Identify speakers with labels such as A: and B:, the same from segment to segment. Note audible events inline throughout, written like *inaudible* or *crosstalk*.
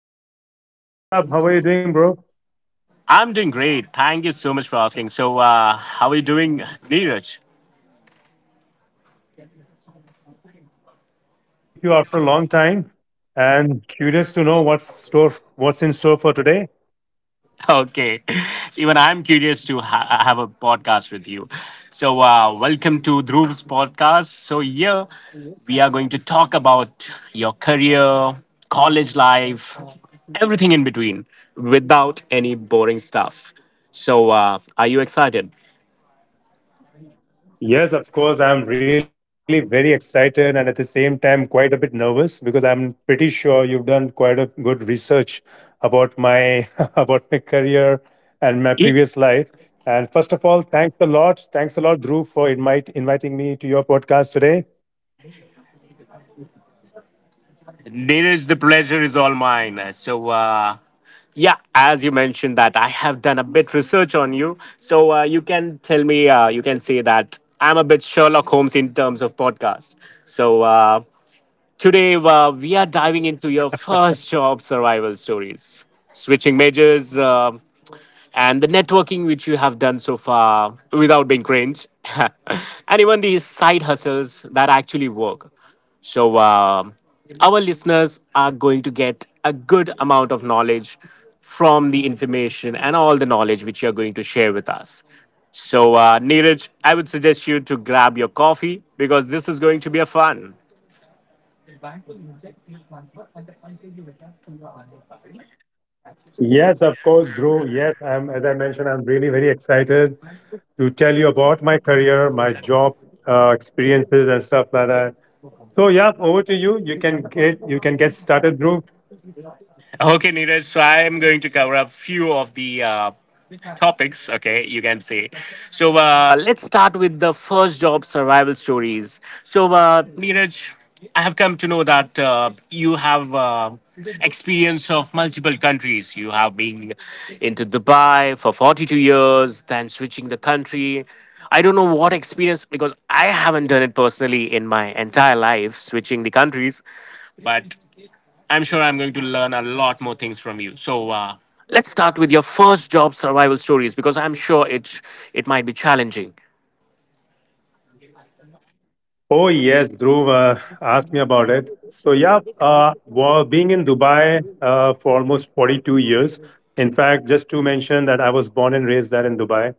A: Dhruv. What's up? How are you doing, bro?
B: I'm doing great. Thank you so much for asking. So, how are you doing, Neeraj?
A: I'm doing great. So excited to meet you after a long time and curious to know what's in store for today.
B: *laughs* Okay. So even I'm curious to have a podcast with you. So, welcome to Dhruv's podcast. So, yeah, we are going to talk about your career, college life, everything in between without any boring stuff. So, are you excited?
A: Yes, of course. I'm really very excited and at the same time quite a bit nervous because I'm pretty sure you've done quite a good research about my *laughs* about my career and my
B: It,
A: previous life. And first of all, thanks a lot. Thanks a lot, Dhruv, for inviting me to your podcast today.
B: Neeraj, the pleasure is all mine. So, yeah, as you mentioned that I have done a bit research on you, so you can tell me, you can say that I'm a bit Sherlock Holmes in terms of podcast. So today we are diving into your first job survival stories, switching majors, and the networking which you have done so far without being cringe, *laughs* and even these side hustles that actually work. So, our listeners are going to get a good amount of knowledge from the information and all the knowledge which you're going to share with us. So, Neeraj, I would suggest you to grab your coffee because this is going to be a fun.
A: Yes, of course, Dhruv. As I mentioned, I'm really very excited to tell you about my career, my job experiences, and stuff like that. So yeah, over to you. You can get started, Dhruv.
B: Okay, Neeraj. So I am going to cover up few of the topics. Okay, you can say. So let's start with the first job survival stories. So Neeraj, I have come to know that you have experience of multiple countries. You have been into Dubai for 42 years, then switching the country. I don't know what experience because I haven't done it personally in my entire life, switching the countries. But. I'm sure I'm going to learn a lot more things from you. So let's start with your first job survival stories because I'm sure it might be challenging.
A: Oh yes, Dhruv asked me about it. So yeah, well, being in Dubai for almost 42 years. In fact, just to mention that I was born and raised there in Dubai.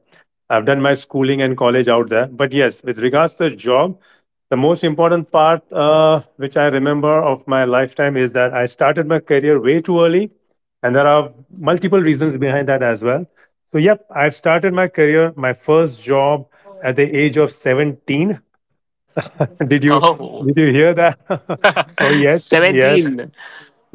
A: I've done my schooling and college out there. But yes, with regards to the job, the most important part which I remember of my lifetime is that I started my career way too early, and there are multiple reasons behind that as well. So yep, I started my career, my first job at the age of 17. *laughs* Did you
B: Oh,
A: did you hear that? *laughs* Oh
B: *laughs*
A: yes, yes,
B: 17.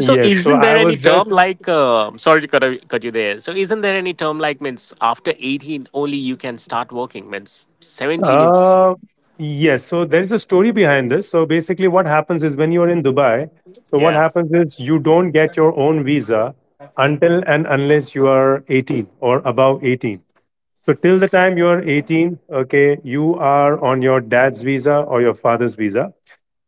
B: So
A: So
B: isn't
A: I
B: there any
A: was just
B: term like sorry to cut you there. So isn't there any term like means after 18 only you can start working means 17 it's
A: uh yes. So there is a story behind this. So basically what happens is when you're in Dubai, so what
B: yeah.
A: happens is you don't get your own visa until and unless you are 18 or above 18. So till the time you're 18, okay, you are on your dad's visa or your father's visa.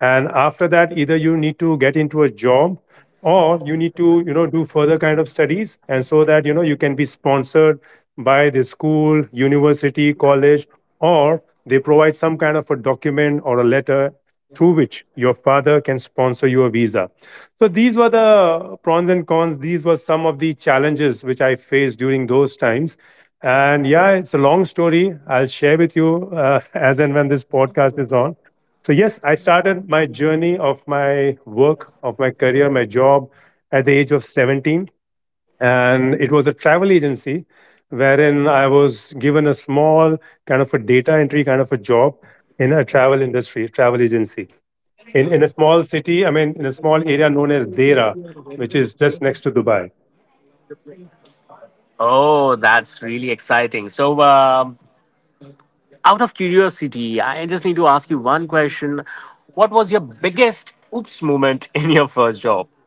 A: And after that, either you need to get into a job or you need to, you know, do further kind of studies. And so that, you know, you can be sponsored by the school, university, college, or they provide some kind of a document or a letter through which your father can sponsor you a visa. So these were the pros and cons. These were some of the challenges which I faced during those times. And yeah, it's a long story. I'll share with you *laughs* as and when this podcast is on. So, yes, I started my journey of my work, of my career, my job at the age of 17. And it was a travel agency wherein I was given a small kind of a data entry kind of a job in a travel industry, travel agency in a small city, I mean, in a small area known as Dera, which is just next to Dubai.
B: Oh, that's really exciting. So out of curiosity, I just need to ask you one question. What was your biggest oops moment in your first job? *laughs*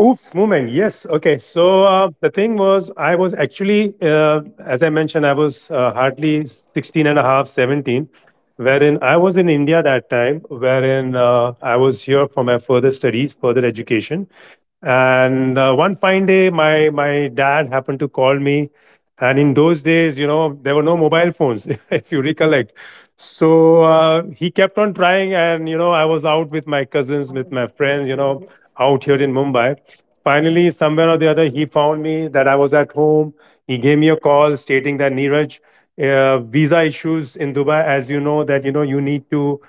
A: Oops, moment. Yes. Okay. So the thing was, I was actually, as I mentioned, I was hardly 16 and a half, 17, wherein I was in India that time, wherein I was here for my further studies, further education. And one fine day, my dad happened to call me. And in those days, you know, there were no mobile phones, *laughs* if you recollect. So he kept on trying. And, you know, I was out with my cousins, with my friends, you know, out here in Mumbai. Finally, somewhere or the other, he found me that I was at home. He gave me a call stating that Neeraj, visa issues in Dubai, as you know, that you know you need to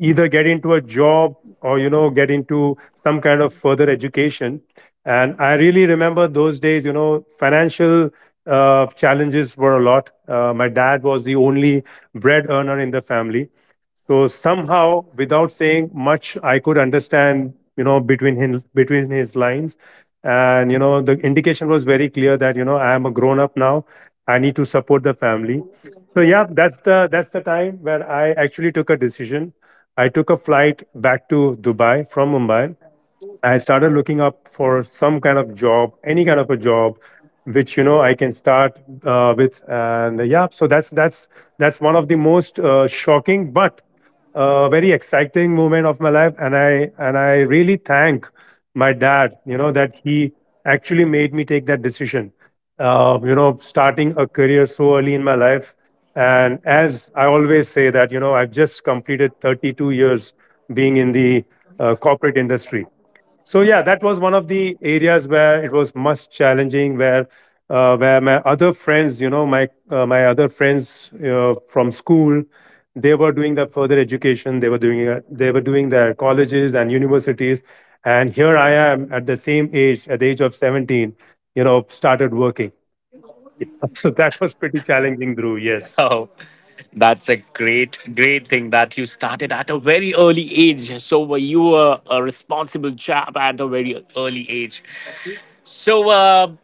A: either get into a job or you know get into some kind of further education. And I really remember those days. You know, financial challenges were a lot. My dad was the only bread earner in the family, so somehow, without saying much, I could understand, you know, between him, between his lines, and you know, the indication was very clear that you know I am a grown up now. I need to support the family. So yeah, that's the time where I actually took a decision. I took a flight back to Dubai from Mumbai. I started looking up for some kind of job, any kind of a job, which you know I can start with, and yeah, so that's one of the most shocking but very exciting moment of my life, and I really thank my dad, you know, that he actually made me take that decision, you know, starting a career so early in my life, and as I always say that, you know, I've just completed 32 years being in the corporate industry. So yeah, that was one of the areas where it was most challenging. Where my other friends, you know, my other friends from school, they were doing their further education. They were doing their colleges and universities, and here I am at the same age, at the age of 17, you know, started working. *laughs* So that was pretty challenging, Drew. Yes.
B: Oh, that's a great, great thing that you started at a very early age. So you were a responsible chap at a very early age. So,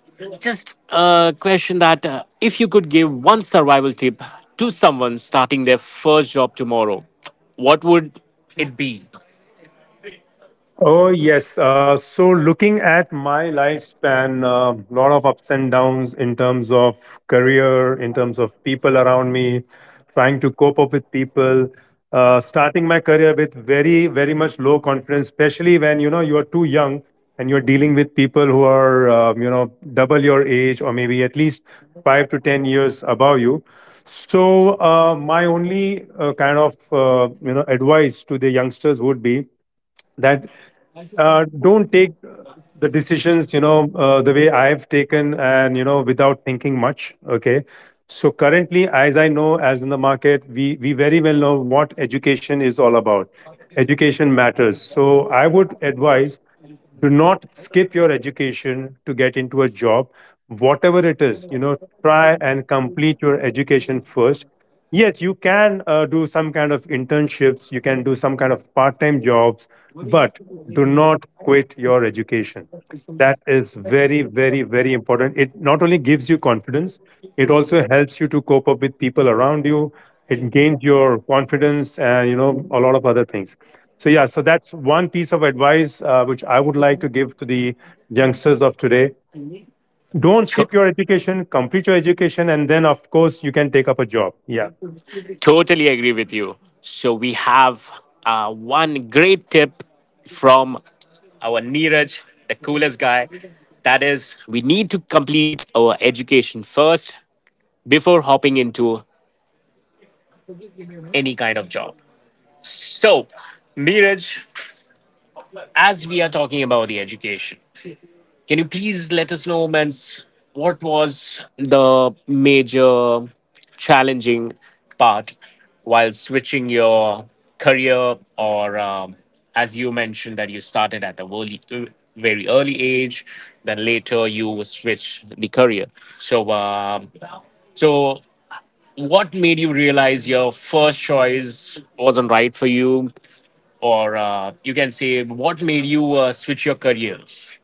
B: just a question that if you could give one survival tip to someone starting their first job tomorrow, what would it be?
A: Oh, yes. So, looking at my lifespan, a lot of ups and downs in terms of career, in terms of people around me, trying to cope up with people. Starting my career with very, very much low confidence, especially when you know you are too young and you're dealing with people who are you know double your age or maybe at least 5 to 10 years above you. So, my only you know advice to the youngsters would be that don't take the decisions you know the way I've taken and you know without thinking much, okay. So currently as I know, as in the market, we very well know what education is all about. Education matters, so I would advise, do not skip your education to get into a job, whatever it is, you know. Try and complete your education first. Yes, you can do some kind of internships, you can do some kind of part time jobs, but do not quit your education. That is very, very, very important. It not only gives you confidence, it also helps you to cope up with people around you. It gains your confidence and, you know, a lot of other things. So, yeah, so that's one piece of advice which I would like to give to the youngsters of today. Don't
B: *laughs*
A: skip your education, complete your education, and then, of course, you can take up a job. Yeah.
B: Totally agree with you. So we have one great tip from our Neeraj, the coolest guy. That is, we need to complete our education first before hopping into any kind of job. So, Neeraj, as we are talking about the education, can you please let us know, Mans, what was the major challenging part while switching your career, or as you mentioned that you started at the early, very early age, then later you switch the career. So, um, so what made you realize your first choice wasn't right for you, or you can say what made you switch your careers?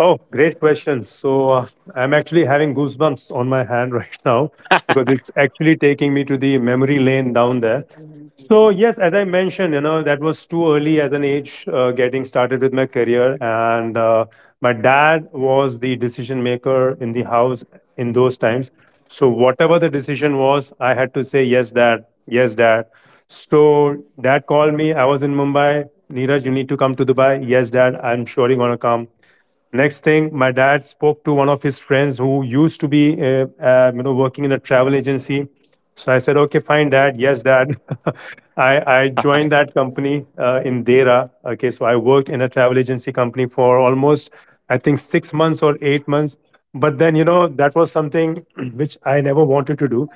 A: Oh, great question. So I'm actually having goosebumps on my hand *laughs* right now because it's actually taking me to the memory lane down there. So yes, as I mentioned, you know that was too early as an age getting started with my career, and my dad was the decision maker in the house in those times. So whatever the decision was, I had to say yes, dad, yes, dad. So dad called me. I was in Mumbai. Neeraj, you need to come to Dubai. Yes, dad, I'm surely gonna come. Next thing, my dad spoke to one of his friends who used to be, you know, working in a travel agency. So I said, "Okay, fine, Dad. Yes, Dad." *laughs* I joined that company in Dera. Okay, so I worked in a travel agency company for almost, I think, 6 months or 8 months. But then, you know, that was something *clears throat* which I never wanted to do.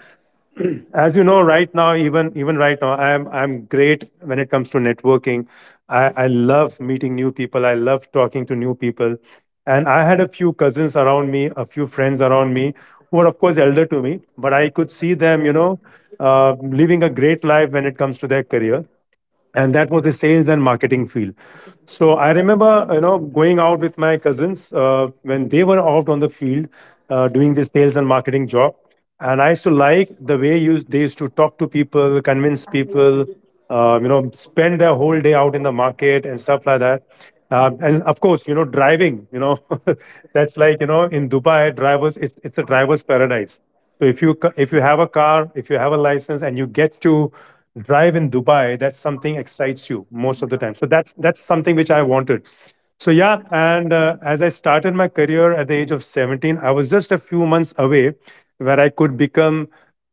A: As you know right now, even right now i'm great when it comes to networking. I love meeting new people, I love talking to new people, and I had a few cousins around me, a few friends around me, who were of course elder to me, but I could see them, you know, living a great life when it comes to their career, and that was the sales and marketing field. So I remember, you know, going out with my cousins when they were out on the field doing the sales and marketing job, and I used to like the way they used to talk to people, convince people, you know, spend their whole day out in the market and stuff like that. And of course, you know, driving, you know, *laughs* that's like, you know, in Dubai, drivers, it's a driver's paradise. So if you have a car, if you have a license, and you get to drive in Dubai, that's something excites you most of the time. So that's something which I wanted. So yeah, and as I started my career at the age of 17, I was just a few months away where I could become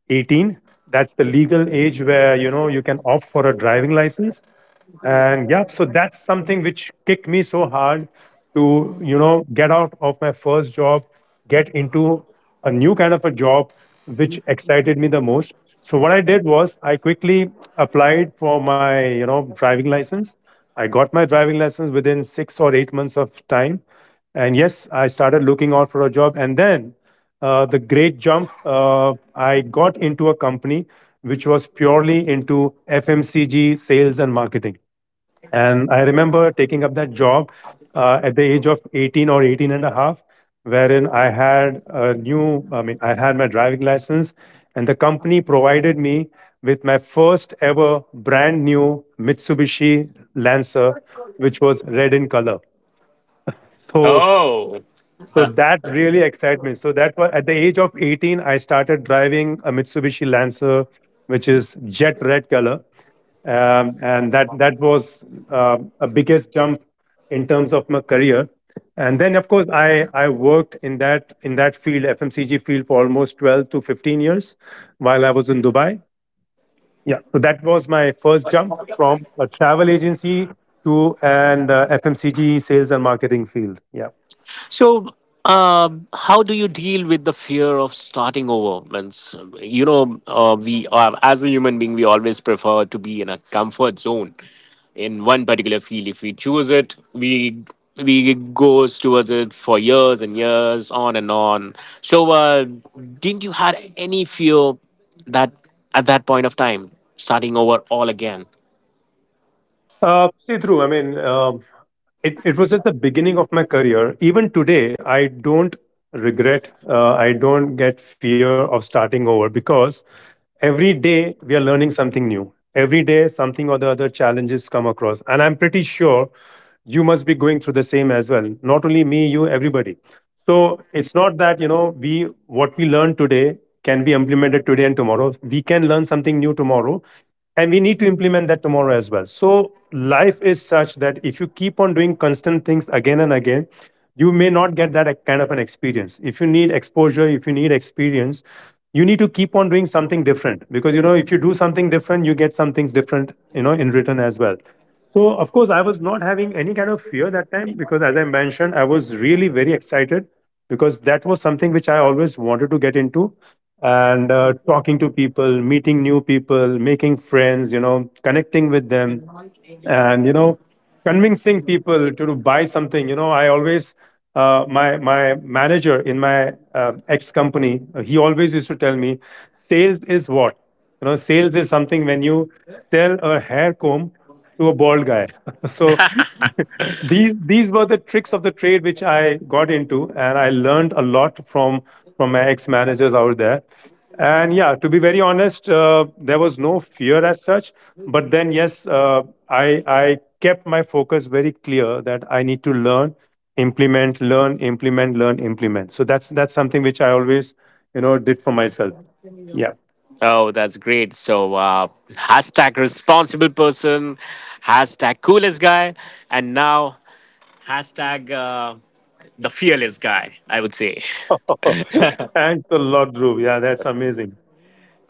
A: 18. That's the legal age where you know you can opt for a driving license. And yeah, so that's something which kicked me so hard to, you know, get out of my first job, get into a new kind of a job which excited me the most. So what I did was, I quickly applied for my, you know, driving license. I got my driving license within 6 or 8 months of time, and yes, I started looking out for a job. And then the great jump, I got into a company which was purely into FMCG sales and marketing. And I remember taking up that job at the age of 18 or 18 and a half, wherein I had a new, I mean, I had my driving license, and the company provided me with my first ever brand new Mitsubishi Lancer, which was red in color. So
B: Oh.
A: so
B: *laughs*
A: that really excited me. So that's why at the age of 18, I started driving a Mitsubishi Lancer, which is jet red color. And that was a biggest jump in terms of my career. And then, of course, I worked in that field, FMCG field, for almost 12 to 15 years while I was in Dubai. Yeah, so that was my first jump from a travel agency to an FMCG sales and marketing field. Yeah.
B: So, how do you deal with the fear of starting over? Means, we are, as a human being, we always prefer to be in a comfort zone in one particular field. If we choose it, we goes towards it for years and years, on and on. So, didn't you had any fear that at that point of time starting over all again?
A: See through. I mean, it was at the beginning of my career. Even today, I don't regret. I don't get fear of starting over because every day we are learning something new. Every day, something or the other challenges come across, and I'm pretty sure you must be going through the same as well. Not only me, you, everybody. So it's not that, you know, we what we learn today can be implemented today and tomorrow. We can learn something new tomorrow, and we need to implement that tomorrow as well. So life is such that if you keep on doing constant things again and again, you may not get that kind of an experience. If you need exposure, if you need experience, you need to keep on doing something different, because, you know, if you do something different, you get some things different, you know, in return as well. So, of course, I was not having any kind of fear that time because, as I mentioned, I was really very excited because that was something which I always wanted to get into. And talking to people, meeting new people, making friends, you know, connecting with them and you know convincing people to buy something. You know, I always, my manager in my ex company, he always used to tell me, sales is what, you know, sales is something when you sell a hair comb to a bald guy. *laughs* So *laughs* these were the tricks of the trade which I got into, and I learned a lot from my ex managers out there. And yeah, to be very honest, there was no fear as such. But then, yes, I kept my focus very clear that I need to learn, implement, learn, implement, learn, implement. So that's something which I always, you know, did for myself. Yeah.
B: Oh, that's great. So, hashtag responsible person, hashtag coolest guy, and now hashtag the fearless guy, I would say. *laughs*
A: *laughs* Thanks a lot, Dhruv. Yeah, that's amazing.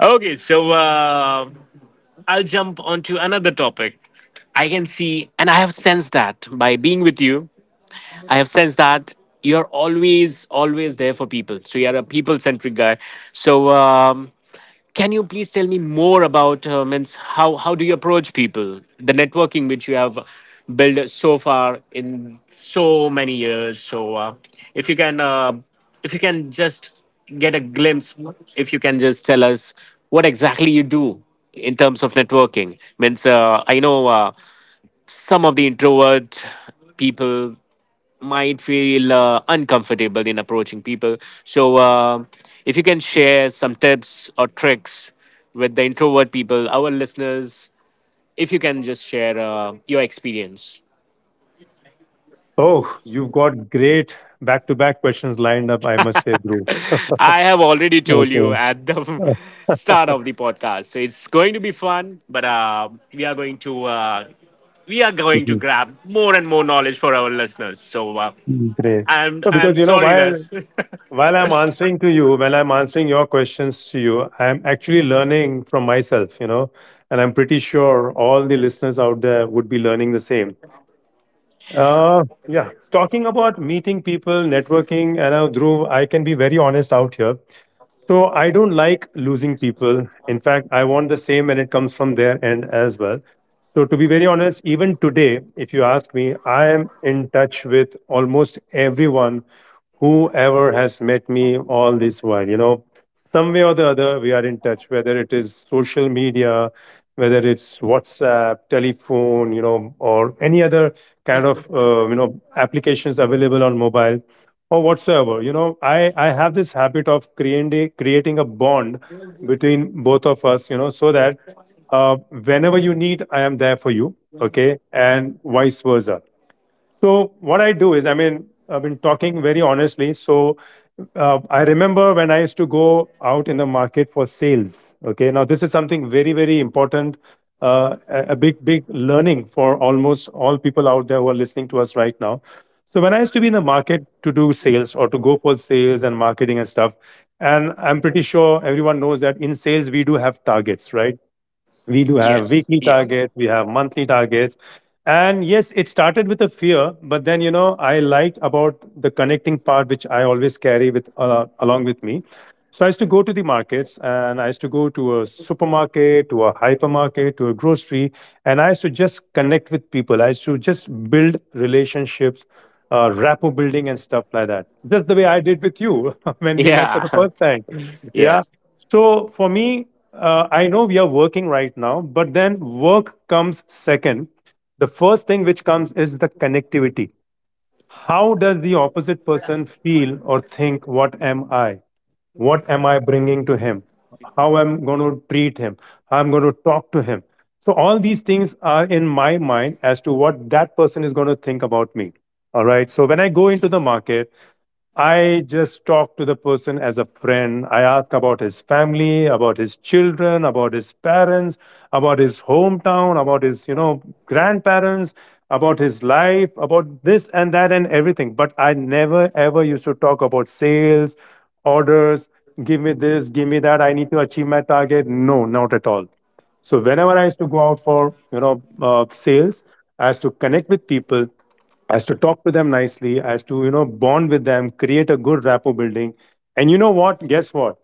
B: Okay, so I'll jump onto another topic. I can see, and I have sensed that by being with you, I have sensed that you're always, always there for people. So, you're a people centric guy. So, can you please tell me more about means how do you approach people, the networking which you have built so far in so many years? So if you can uh, if you can just get a glimpse, if you can just tell us what exactly you do in terms of networking. Means I know some of the introvert people might feel uncomfortable in approaching people. So, if you can share some tips or tricks with the introvert people, our listeners, if you can just share your experience.
A: Oh, you've got great back-to-back questions lined up, I must say, Dhruv.
B: I have already told you
A: Okay. *laughs*
B: at the
A: Oh.
B: *laughs* start of the podcast, so it's going to be fun. But we are going to
A: Mhm.
B: grab more and more knowledge for our listeners. So
A: Mm, great.
B: I'm
A: So
B: I'm
A: because, you know,
B: sorry
A: while
B: that. *laughs*
A: I'm answering to you, when I'm answering your questions to you, I'm actually learning from myself, you know, and I'm pretty sure all the listeners out there would be learning the same. Yeah. Talking about meeting people, networking, and Dhruv, I can be very honest out here. So I don't like losing people. In fact, I want the same and it comes from their end as well. So to be very honest, even today, if you ask me, I am in touch with almost everyone whoever has met me all this while. You know, some way or the other we are in touch, whether it is social media, whether it's WhatsApp, telephone, you know, or any other kind of you know, applications available on mobile or whatsoever. You know, I have this habit of creating a bond between both of us, you know, so that uh, whenever you need, I am there for you, okay, and vice versa. So what I do is, I mean, I've been talking very honestly. So I remember when I used to go out in the market for sales. Okay, now this is something very, very important, a big, big learning for almost all people out there who are listening to us right now. So when I used to be in the market to do sales or to go for sales and marketing and stuff, and I'm pretty sure everyone knows that in sales we do have targets, right? We do have
B: Yes,
A: weekly
B: yeah,
A: targets, we have monthly targets. And yes, it started with a fear, but then, you know, I liked about the connecting part, which I always carry with along with me. So I used to go to the markets and I used to go to a supermarket, to a hypermarket, to a grocery, and I used to just connect with people. I used to just build relationships, rapport building, and stuff like that. Just the way I did with you *laughs* when we met for
B: yeah,
A: the first time.
B: *laughs* yeah.
A: Yeah. So for me, I know we are working right now, but then work comes second. The first thing which comes is the connectivity. How does the opposite person feel or think? What am I? What am I bringing to him, how I'm going to treat him, how I'm going to talk to him, so all these things are in my mind as to what that person is going to think about me. All right, so when I go into the market, I just talk to the person as a friend. I ask about his family, about his children, about his parents, about his hometown, about his, you know, grandparents, about his life, about this and that and everything. But I never ever used to talk about sales orders, give me this, give me that, I need to achieve my target. No, not at all. So whenever I used to go out for, you know, sales, I used to connect with people, I used to talk to them nicely, I used to, you know, bond with them, create a good rapport building. And you know what? Guess what?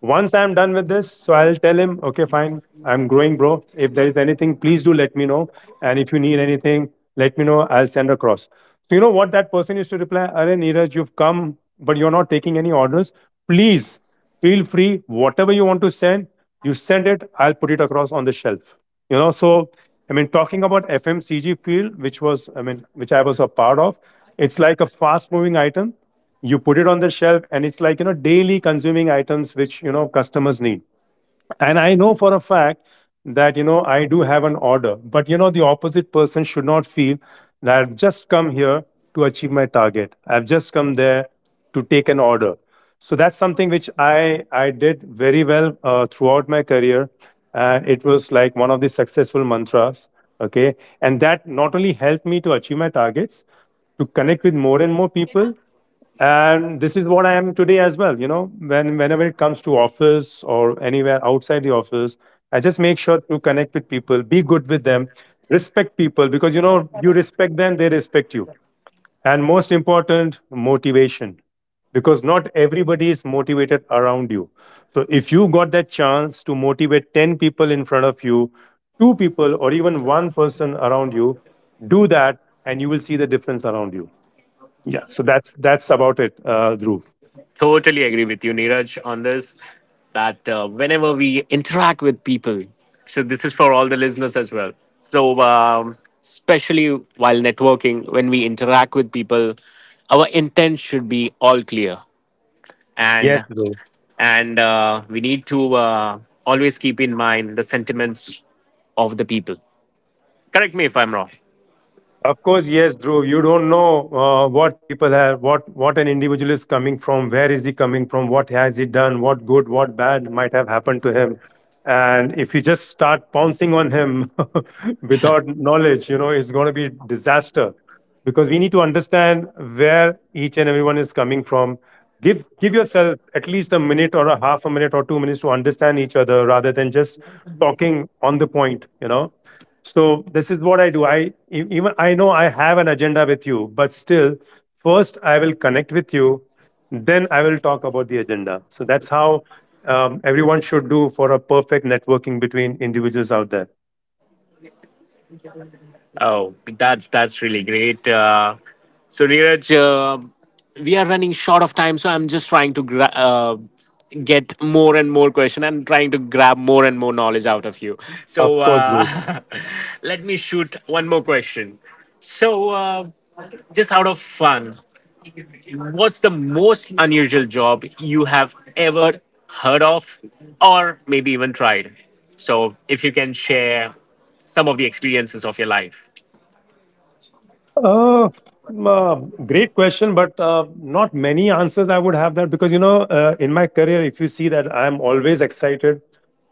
A: Once I'm done with this, so I'll tell him, okay, fine, I'm growing, bro. If there is anything, please do let me know. And if you need anything, let me know. I'll send across. So, you know what that person used to reply? Arey Neeraj, you've come, but you're not taking any orders. Please feel free, whatever you want to send, you send it, I'll put it across on the shelf. You know, so I mean, talking about FMCG field, which was, I mean, which I was a part of, it's like a fast moving item. You put it on the shelf and it's like, you know, daily consuming items which, you know, customers need. And I know for a fact that, you know, I do have an order, but, you know, the opposite person should not feel that I've just come here to achieve my target, I've just come there to take an order. So that's something which I did very well throughout my career, and it was like one of the successful mantras. Okay, and that not only helped me to achieve my targets, to connect with more and more people. And this is what I am today as well. You know, when whenever it comes to office or anywhere outside the office, I just make sure to connect with people, be good with them, respect people, because, you know, you respect them, they respect you. And most important, motivation, because not everybody is motivated around you. So if you got that chance to motivate 10 people in front of you, two people or even one person around you, do that, and you will see the difference around you. Yeah. So that's about it, Dhruv.
B: Totally agree with you, Neeraj, on this. That whenever we interact with people, so this is for all the listeners as well. So, especially while networking, when we interact with people, our intent should be all clear,
A: Yes,
B: and
A: Dhruv.
B: and we need to always keep in mind the sentiments of the people. Correct me if I'm wrong.
A: Of course, yes, Dhruv. You don't know what people have, what an individual is coming from, where is he coming from, what has he done, what good, what bad might have happened to him, and if you just start pouncing on him *laughs* without knowledge, you know, it's going to be disaster. Because we need to understand where each and everyone is coming from. Give yourself at least a minute or a half a minute or 2 minutes to understand each other, rather than just talking on the point. You know. So this is what I do. I Even I know I have an agenda with you, but still, first I will connect with you, then I will talk about the agenda. So that's how everyone should do for a perfect networking between individuals out there.
B: Oh, that's really great. So Neeraj, we are running short of time, so I'm just trying to get more and more question and trying to grab more and more knowledge out of you.
A: Of
B: So
A: course, bro.
B: *laughs* let me shoot one more question. So just out of fun, what's the most unusual job you have ever heard of, or maybe even tried? So if you can share some of the experiences of your life.
A: Uh, uh, Great question, but not many answers I would have that because, you know, in my career, if you see that I'm always excited,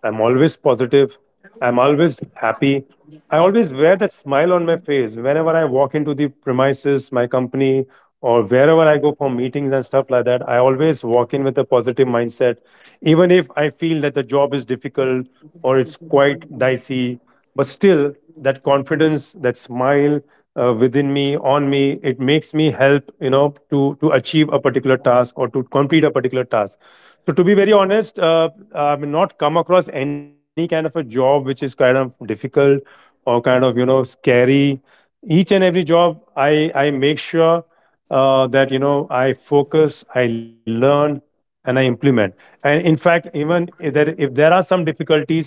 A: I'm always positive, I'm always happy. I always wear that smile on my face whenever I walk into the premises, my company, or wherever I go for meetings and stuff like that. I always walk in with a positive mindset even if I feel that the job is difficult or it's quite dicey, but still that confidence, that smile within me, on me, it makes me help, you know, to achieve a particular task or to complete a particular task. So to be very honest, I've not come across any kind of a job which is kind of difficult or kind of, you know, scary. Each and every job, I make sure that, you know, I focus, I learn and I implement. And in fact, even if there are some difficulties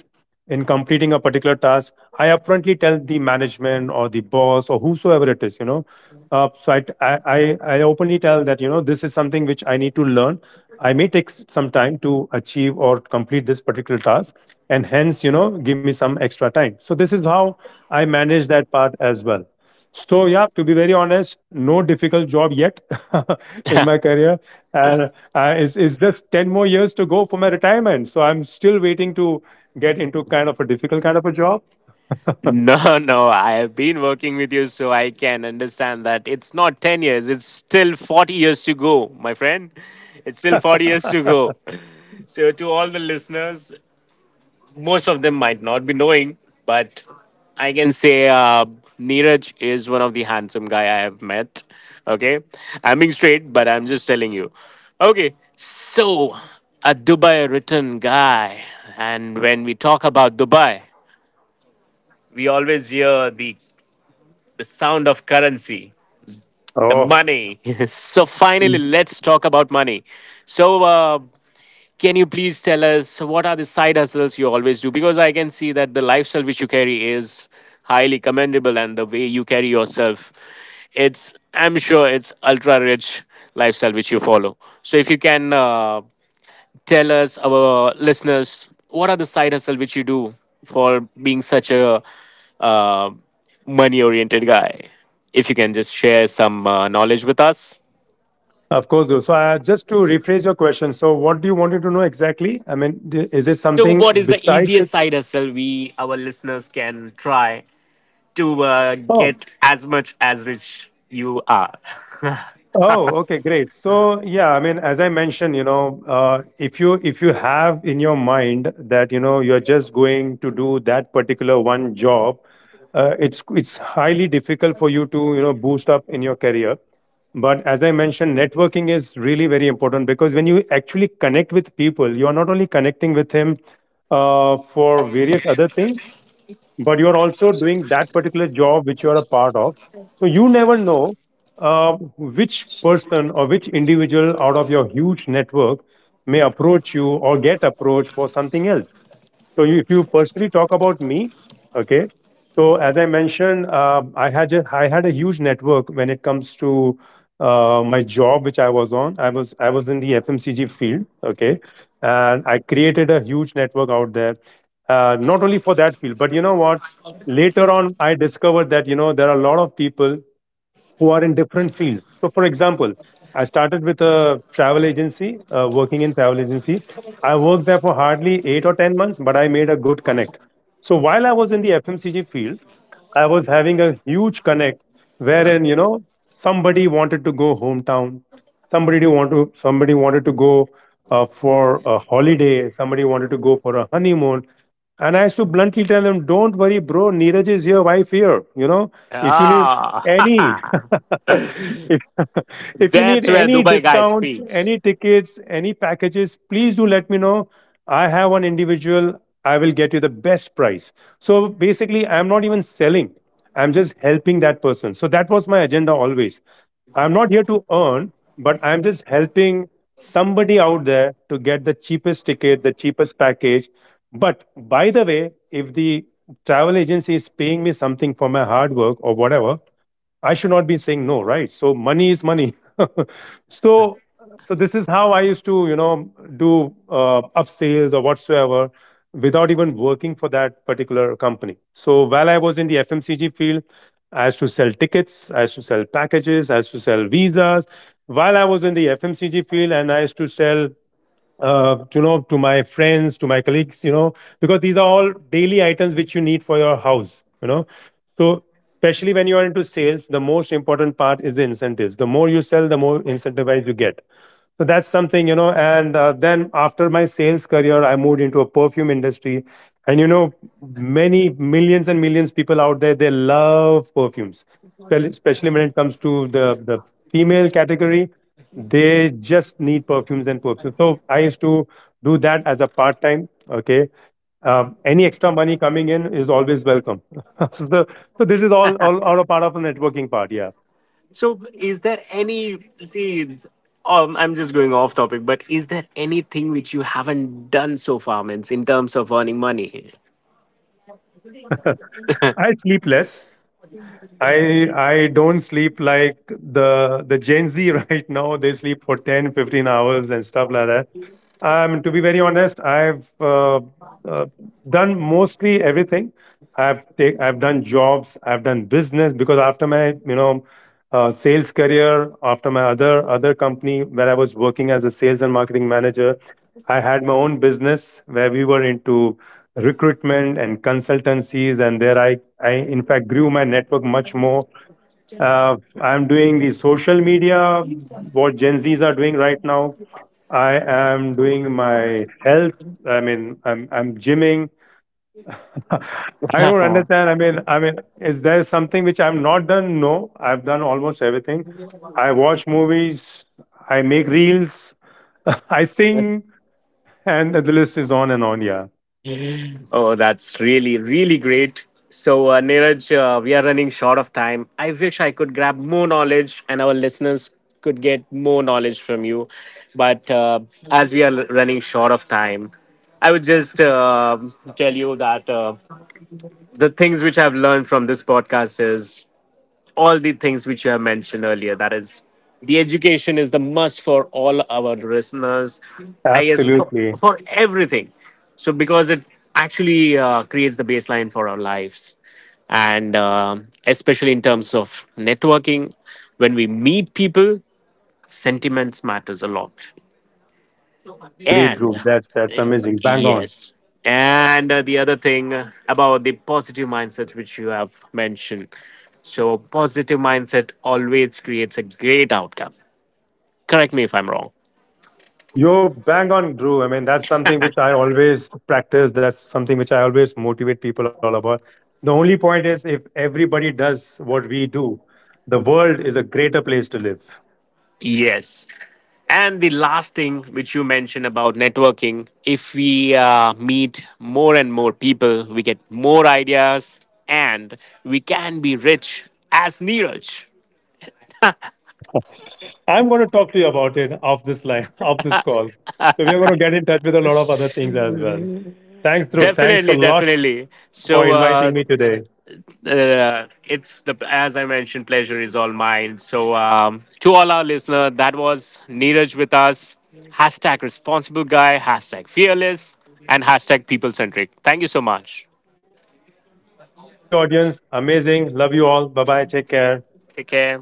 A: in completing a particular task, I upfrontly tell the management or the boss or whosoever it is, you know. So I openly tell that, you know, this is something which I need to learn. I may take some time to achieve or complete this particular task, and hence, you know, give me some extra time. So this is how I manage that part as well. So yeah, to be very honest, no difficult job yet *laughs* in my
B: *laughs*
A: career. And is just 10 more years to go for my retirement, so I'm still waiting to get into kind of a difficult kind of a job.
B: No, no, I have been working with you, so I can understand that it's not 10 years, it's still 40 years to go, my friend. It's still 40 years to go.
A: *laughs*
B: So, to all the listeners, most of them might not be knowing, but I can say Neeraj is one of the handsome guy I have met. Okay, I'm being straight, but I'm just telling you. Okay, so a Dubai written guy, and when we talk about Dubai, we always hear the sound of currency, the
A: Oh.
B: money. *laughs* So, finally, let's talk about money. So, can you please tell us so what are the side hustles you always do? Because I can see that the lifestyle which you carry is highly commendable, and the way you carry yourself, it's I'm sure it's ultra rich lifestyle which you follow. So, if you can tell us, our listeners, what are the side hustle which you do for being such a uh, money oriented guy? If you can just share some knowledge with us.
A: Of course, though. So, just to rephrase your question, so what do you wanted to know exactly? I mean, is it
B: So,
A: something
B: what is the
A: besides the?
B: easiest side hustle we, our listeners, can try to
A: Oh.
B: get as much as rich you are?
A: Oh, okay, great. So, yeah, I mean, as I mentioned, you know, if you have in your mind that, you know, you're just going to do that particular one job, it's highly difficult for you to, you know, boost up in your career. But as I mentioned, networking is really very important because when you actually connect with people, you are not only connecting with him for various other things, but you're also doing that particular job which you're a part of. So you never know which person or which individual out of your huge network may approach you or get approached for something else. So you, if you personally talk about me, okay. So as I mentioned, I had a huge network when it comes to my job, which I was on. I was in the FMCG field, okay, and I created a huge network out there. Not only for that field, but you know what? Later on, I discovered that, you know, there are a lot of people who are in different fields. So, for example, I started with a travel agency, working in travel agency. I worked there for hardly 8 or 10 months, but I made a good connect. So while I was in the FMCG field, I was having a huge connect wherein, you know, somebody wanted to go hometown, somebody wanted to go for a holiday, somebody wanted to go for a honeymoon. And I used to bluntly tell them, "Don't worry, bro, Neeraj is here, wife here. You know, if you need
B: Ah,
A: any
B: *laughs*
A: *laughs* if, *laughs* if you need
B: that's where
A: any
B: Dubai guy
A: discounts,
B: speaks.
A: any tickets, any packages, please do let me know. I have one individual, I will get you the best price." So basically, I'm not even selling, I'm just helping that person. So that was my agenda always. I'm not here to earn, but I'm just helping somebody out there to get the cheapest ticket, the cheapest package. But by the way, if the travel agency is paying me something for my hard work or whatever, I should not be saying no, right? So money is money. *laughs* So so this is how I used to, you know, do up or whatsoever without even working for that particular company. So while I was in the FMCG field, I used to sell tickets, I used to sell packages, I used to sell visas. While I was in the FMCG field and I used to sell to my friends, to my colleagues, you know, because these are all daily items which you need for your house, you know. So especially when you are into sales, the most important part is the incentives. The more you sell, the more incentivized you get. So that's something, you know. And then after my sales career, I moved into a perfume industry. And, you know, many millions and millions people out there, they love perfumes. Especially when it comes to the the female category, they just need perfumes and perfumes. So I used to do that as a part time. Okay. Any extra money coming in is always welcome. *laughs* so, the, so this is all, all a part of a networking part, yeah.
B: So, is there any? See, I'm just going off topic, but is there anything which you haven't done so far, means in terms of earning money?
A: *laughs* I
B: *laughs*
A: sleep less. I don't sleep like the Gen Z *laughs* right now. They sleep for 10, 15 hours and stuff like that. To be very honest, I've uh, done mostly everything. I've done jobs. I've done business because after my, you know, sales career, after my other company where I was working as a sales and marketing manager, I had my own business where we were into recruitment and consultancies, and there I in fact grew my network much more. uh, I'm doing the social media, what Gen Z's are doing right now. I am doing my health, I mean, I'm gymming. *laughs* I don't understand, I mean, is there something which I've not done? No, I've done almost everything. I watch movies, I make reels, *laughs* I sing, and the list is on and on, yeah.
B: Oh, that's really, really great. So, Neeraj, we are running short of time. I wish I could grab more knowledge and our listeners could get more knowledge from you. But as we are running short of time, I would just tell you that the things which I've learned from this podcast is all the things which you have mentioned earlier. That is, the education is the must for all our listeners, I guess, for,
A: Absolutely.
B: for everything. So, because it actually creates the baseline for our lives. And especially in terms of networking, when we meet people, sentiments matters a lot.
A: Agreed,
B: And
A: Drew. That's amazing. Bang on.
B: yes. And the other thing about the positive mindset, which you have mentioned. So, positive mindset always creates a great outcome. Correct me if I'm wrong.
A: You're bang on, Drew. I mean, that's something which I always practice. That's something which I always motivate people all about. The only point is if everybody does what we do, the world is a greater place to live.
B: Yes. And the last thing which you mentioned about networking, if we meet more and more people, we get more ideas and we can be rich as Neeraj.
A: I'm going to talk to you about it off this line, *laughs* off this call. So we are going to get in touch with a lot of other things as well. Thanks, Drew. Thanks a
B: Definitely,
A: lot
B: definitely.
A: for
B: So,
A: inviting me today.
B: it's the as I mentioned, pleasure is all mine. So to all our listener, that was Neeraj with us. Hashtag responsible guy, hashtag fearless, and hashtag people centric. Thank you so much.
A: Thank you, Drew. Thank you, audience. Amazing. Love you all. Bye bye. Take care.
B: Take care.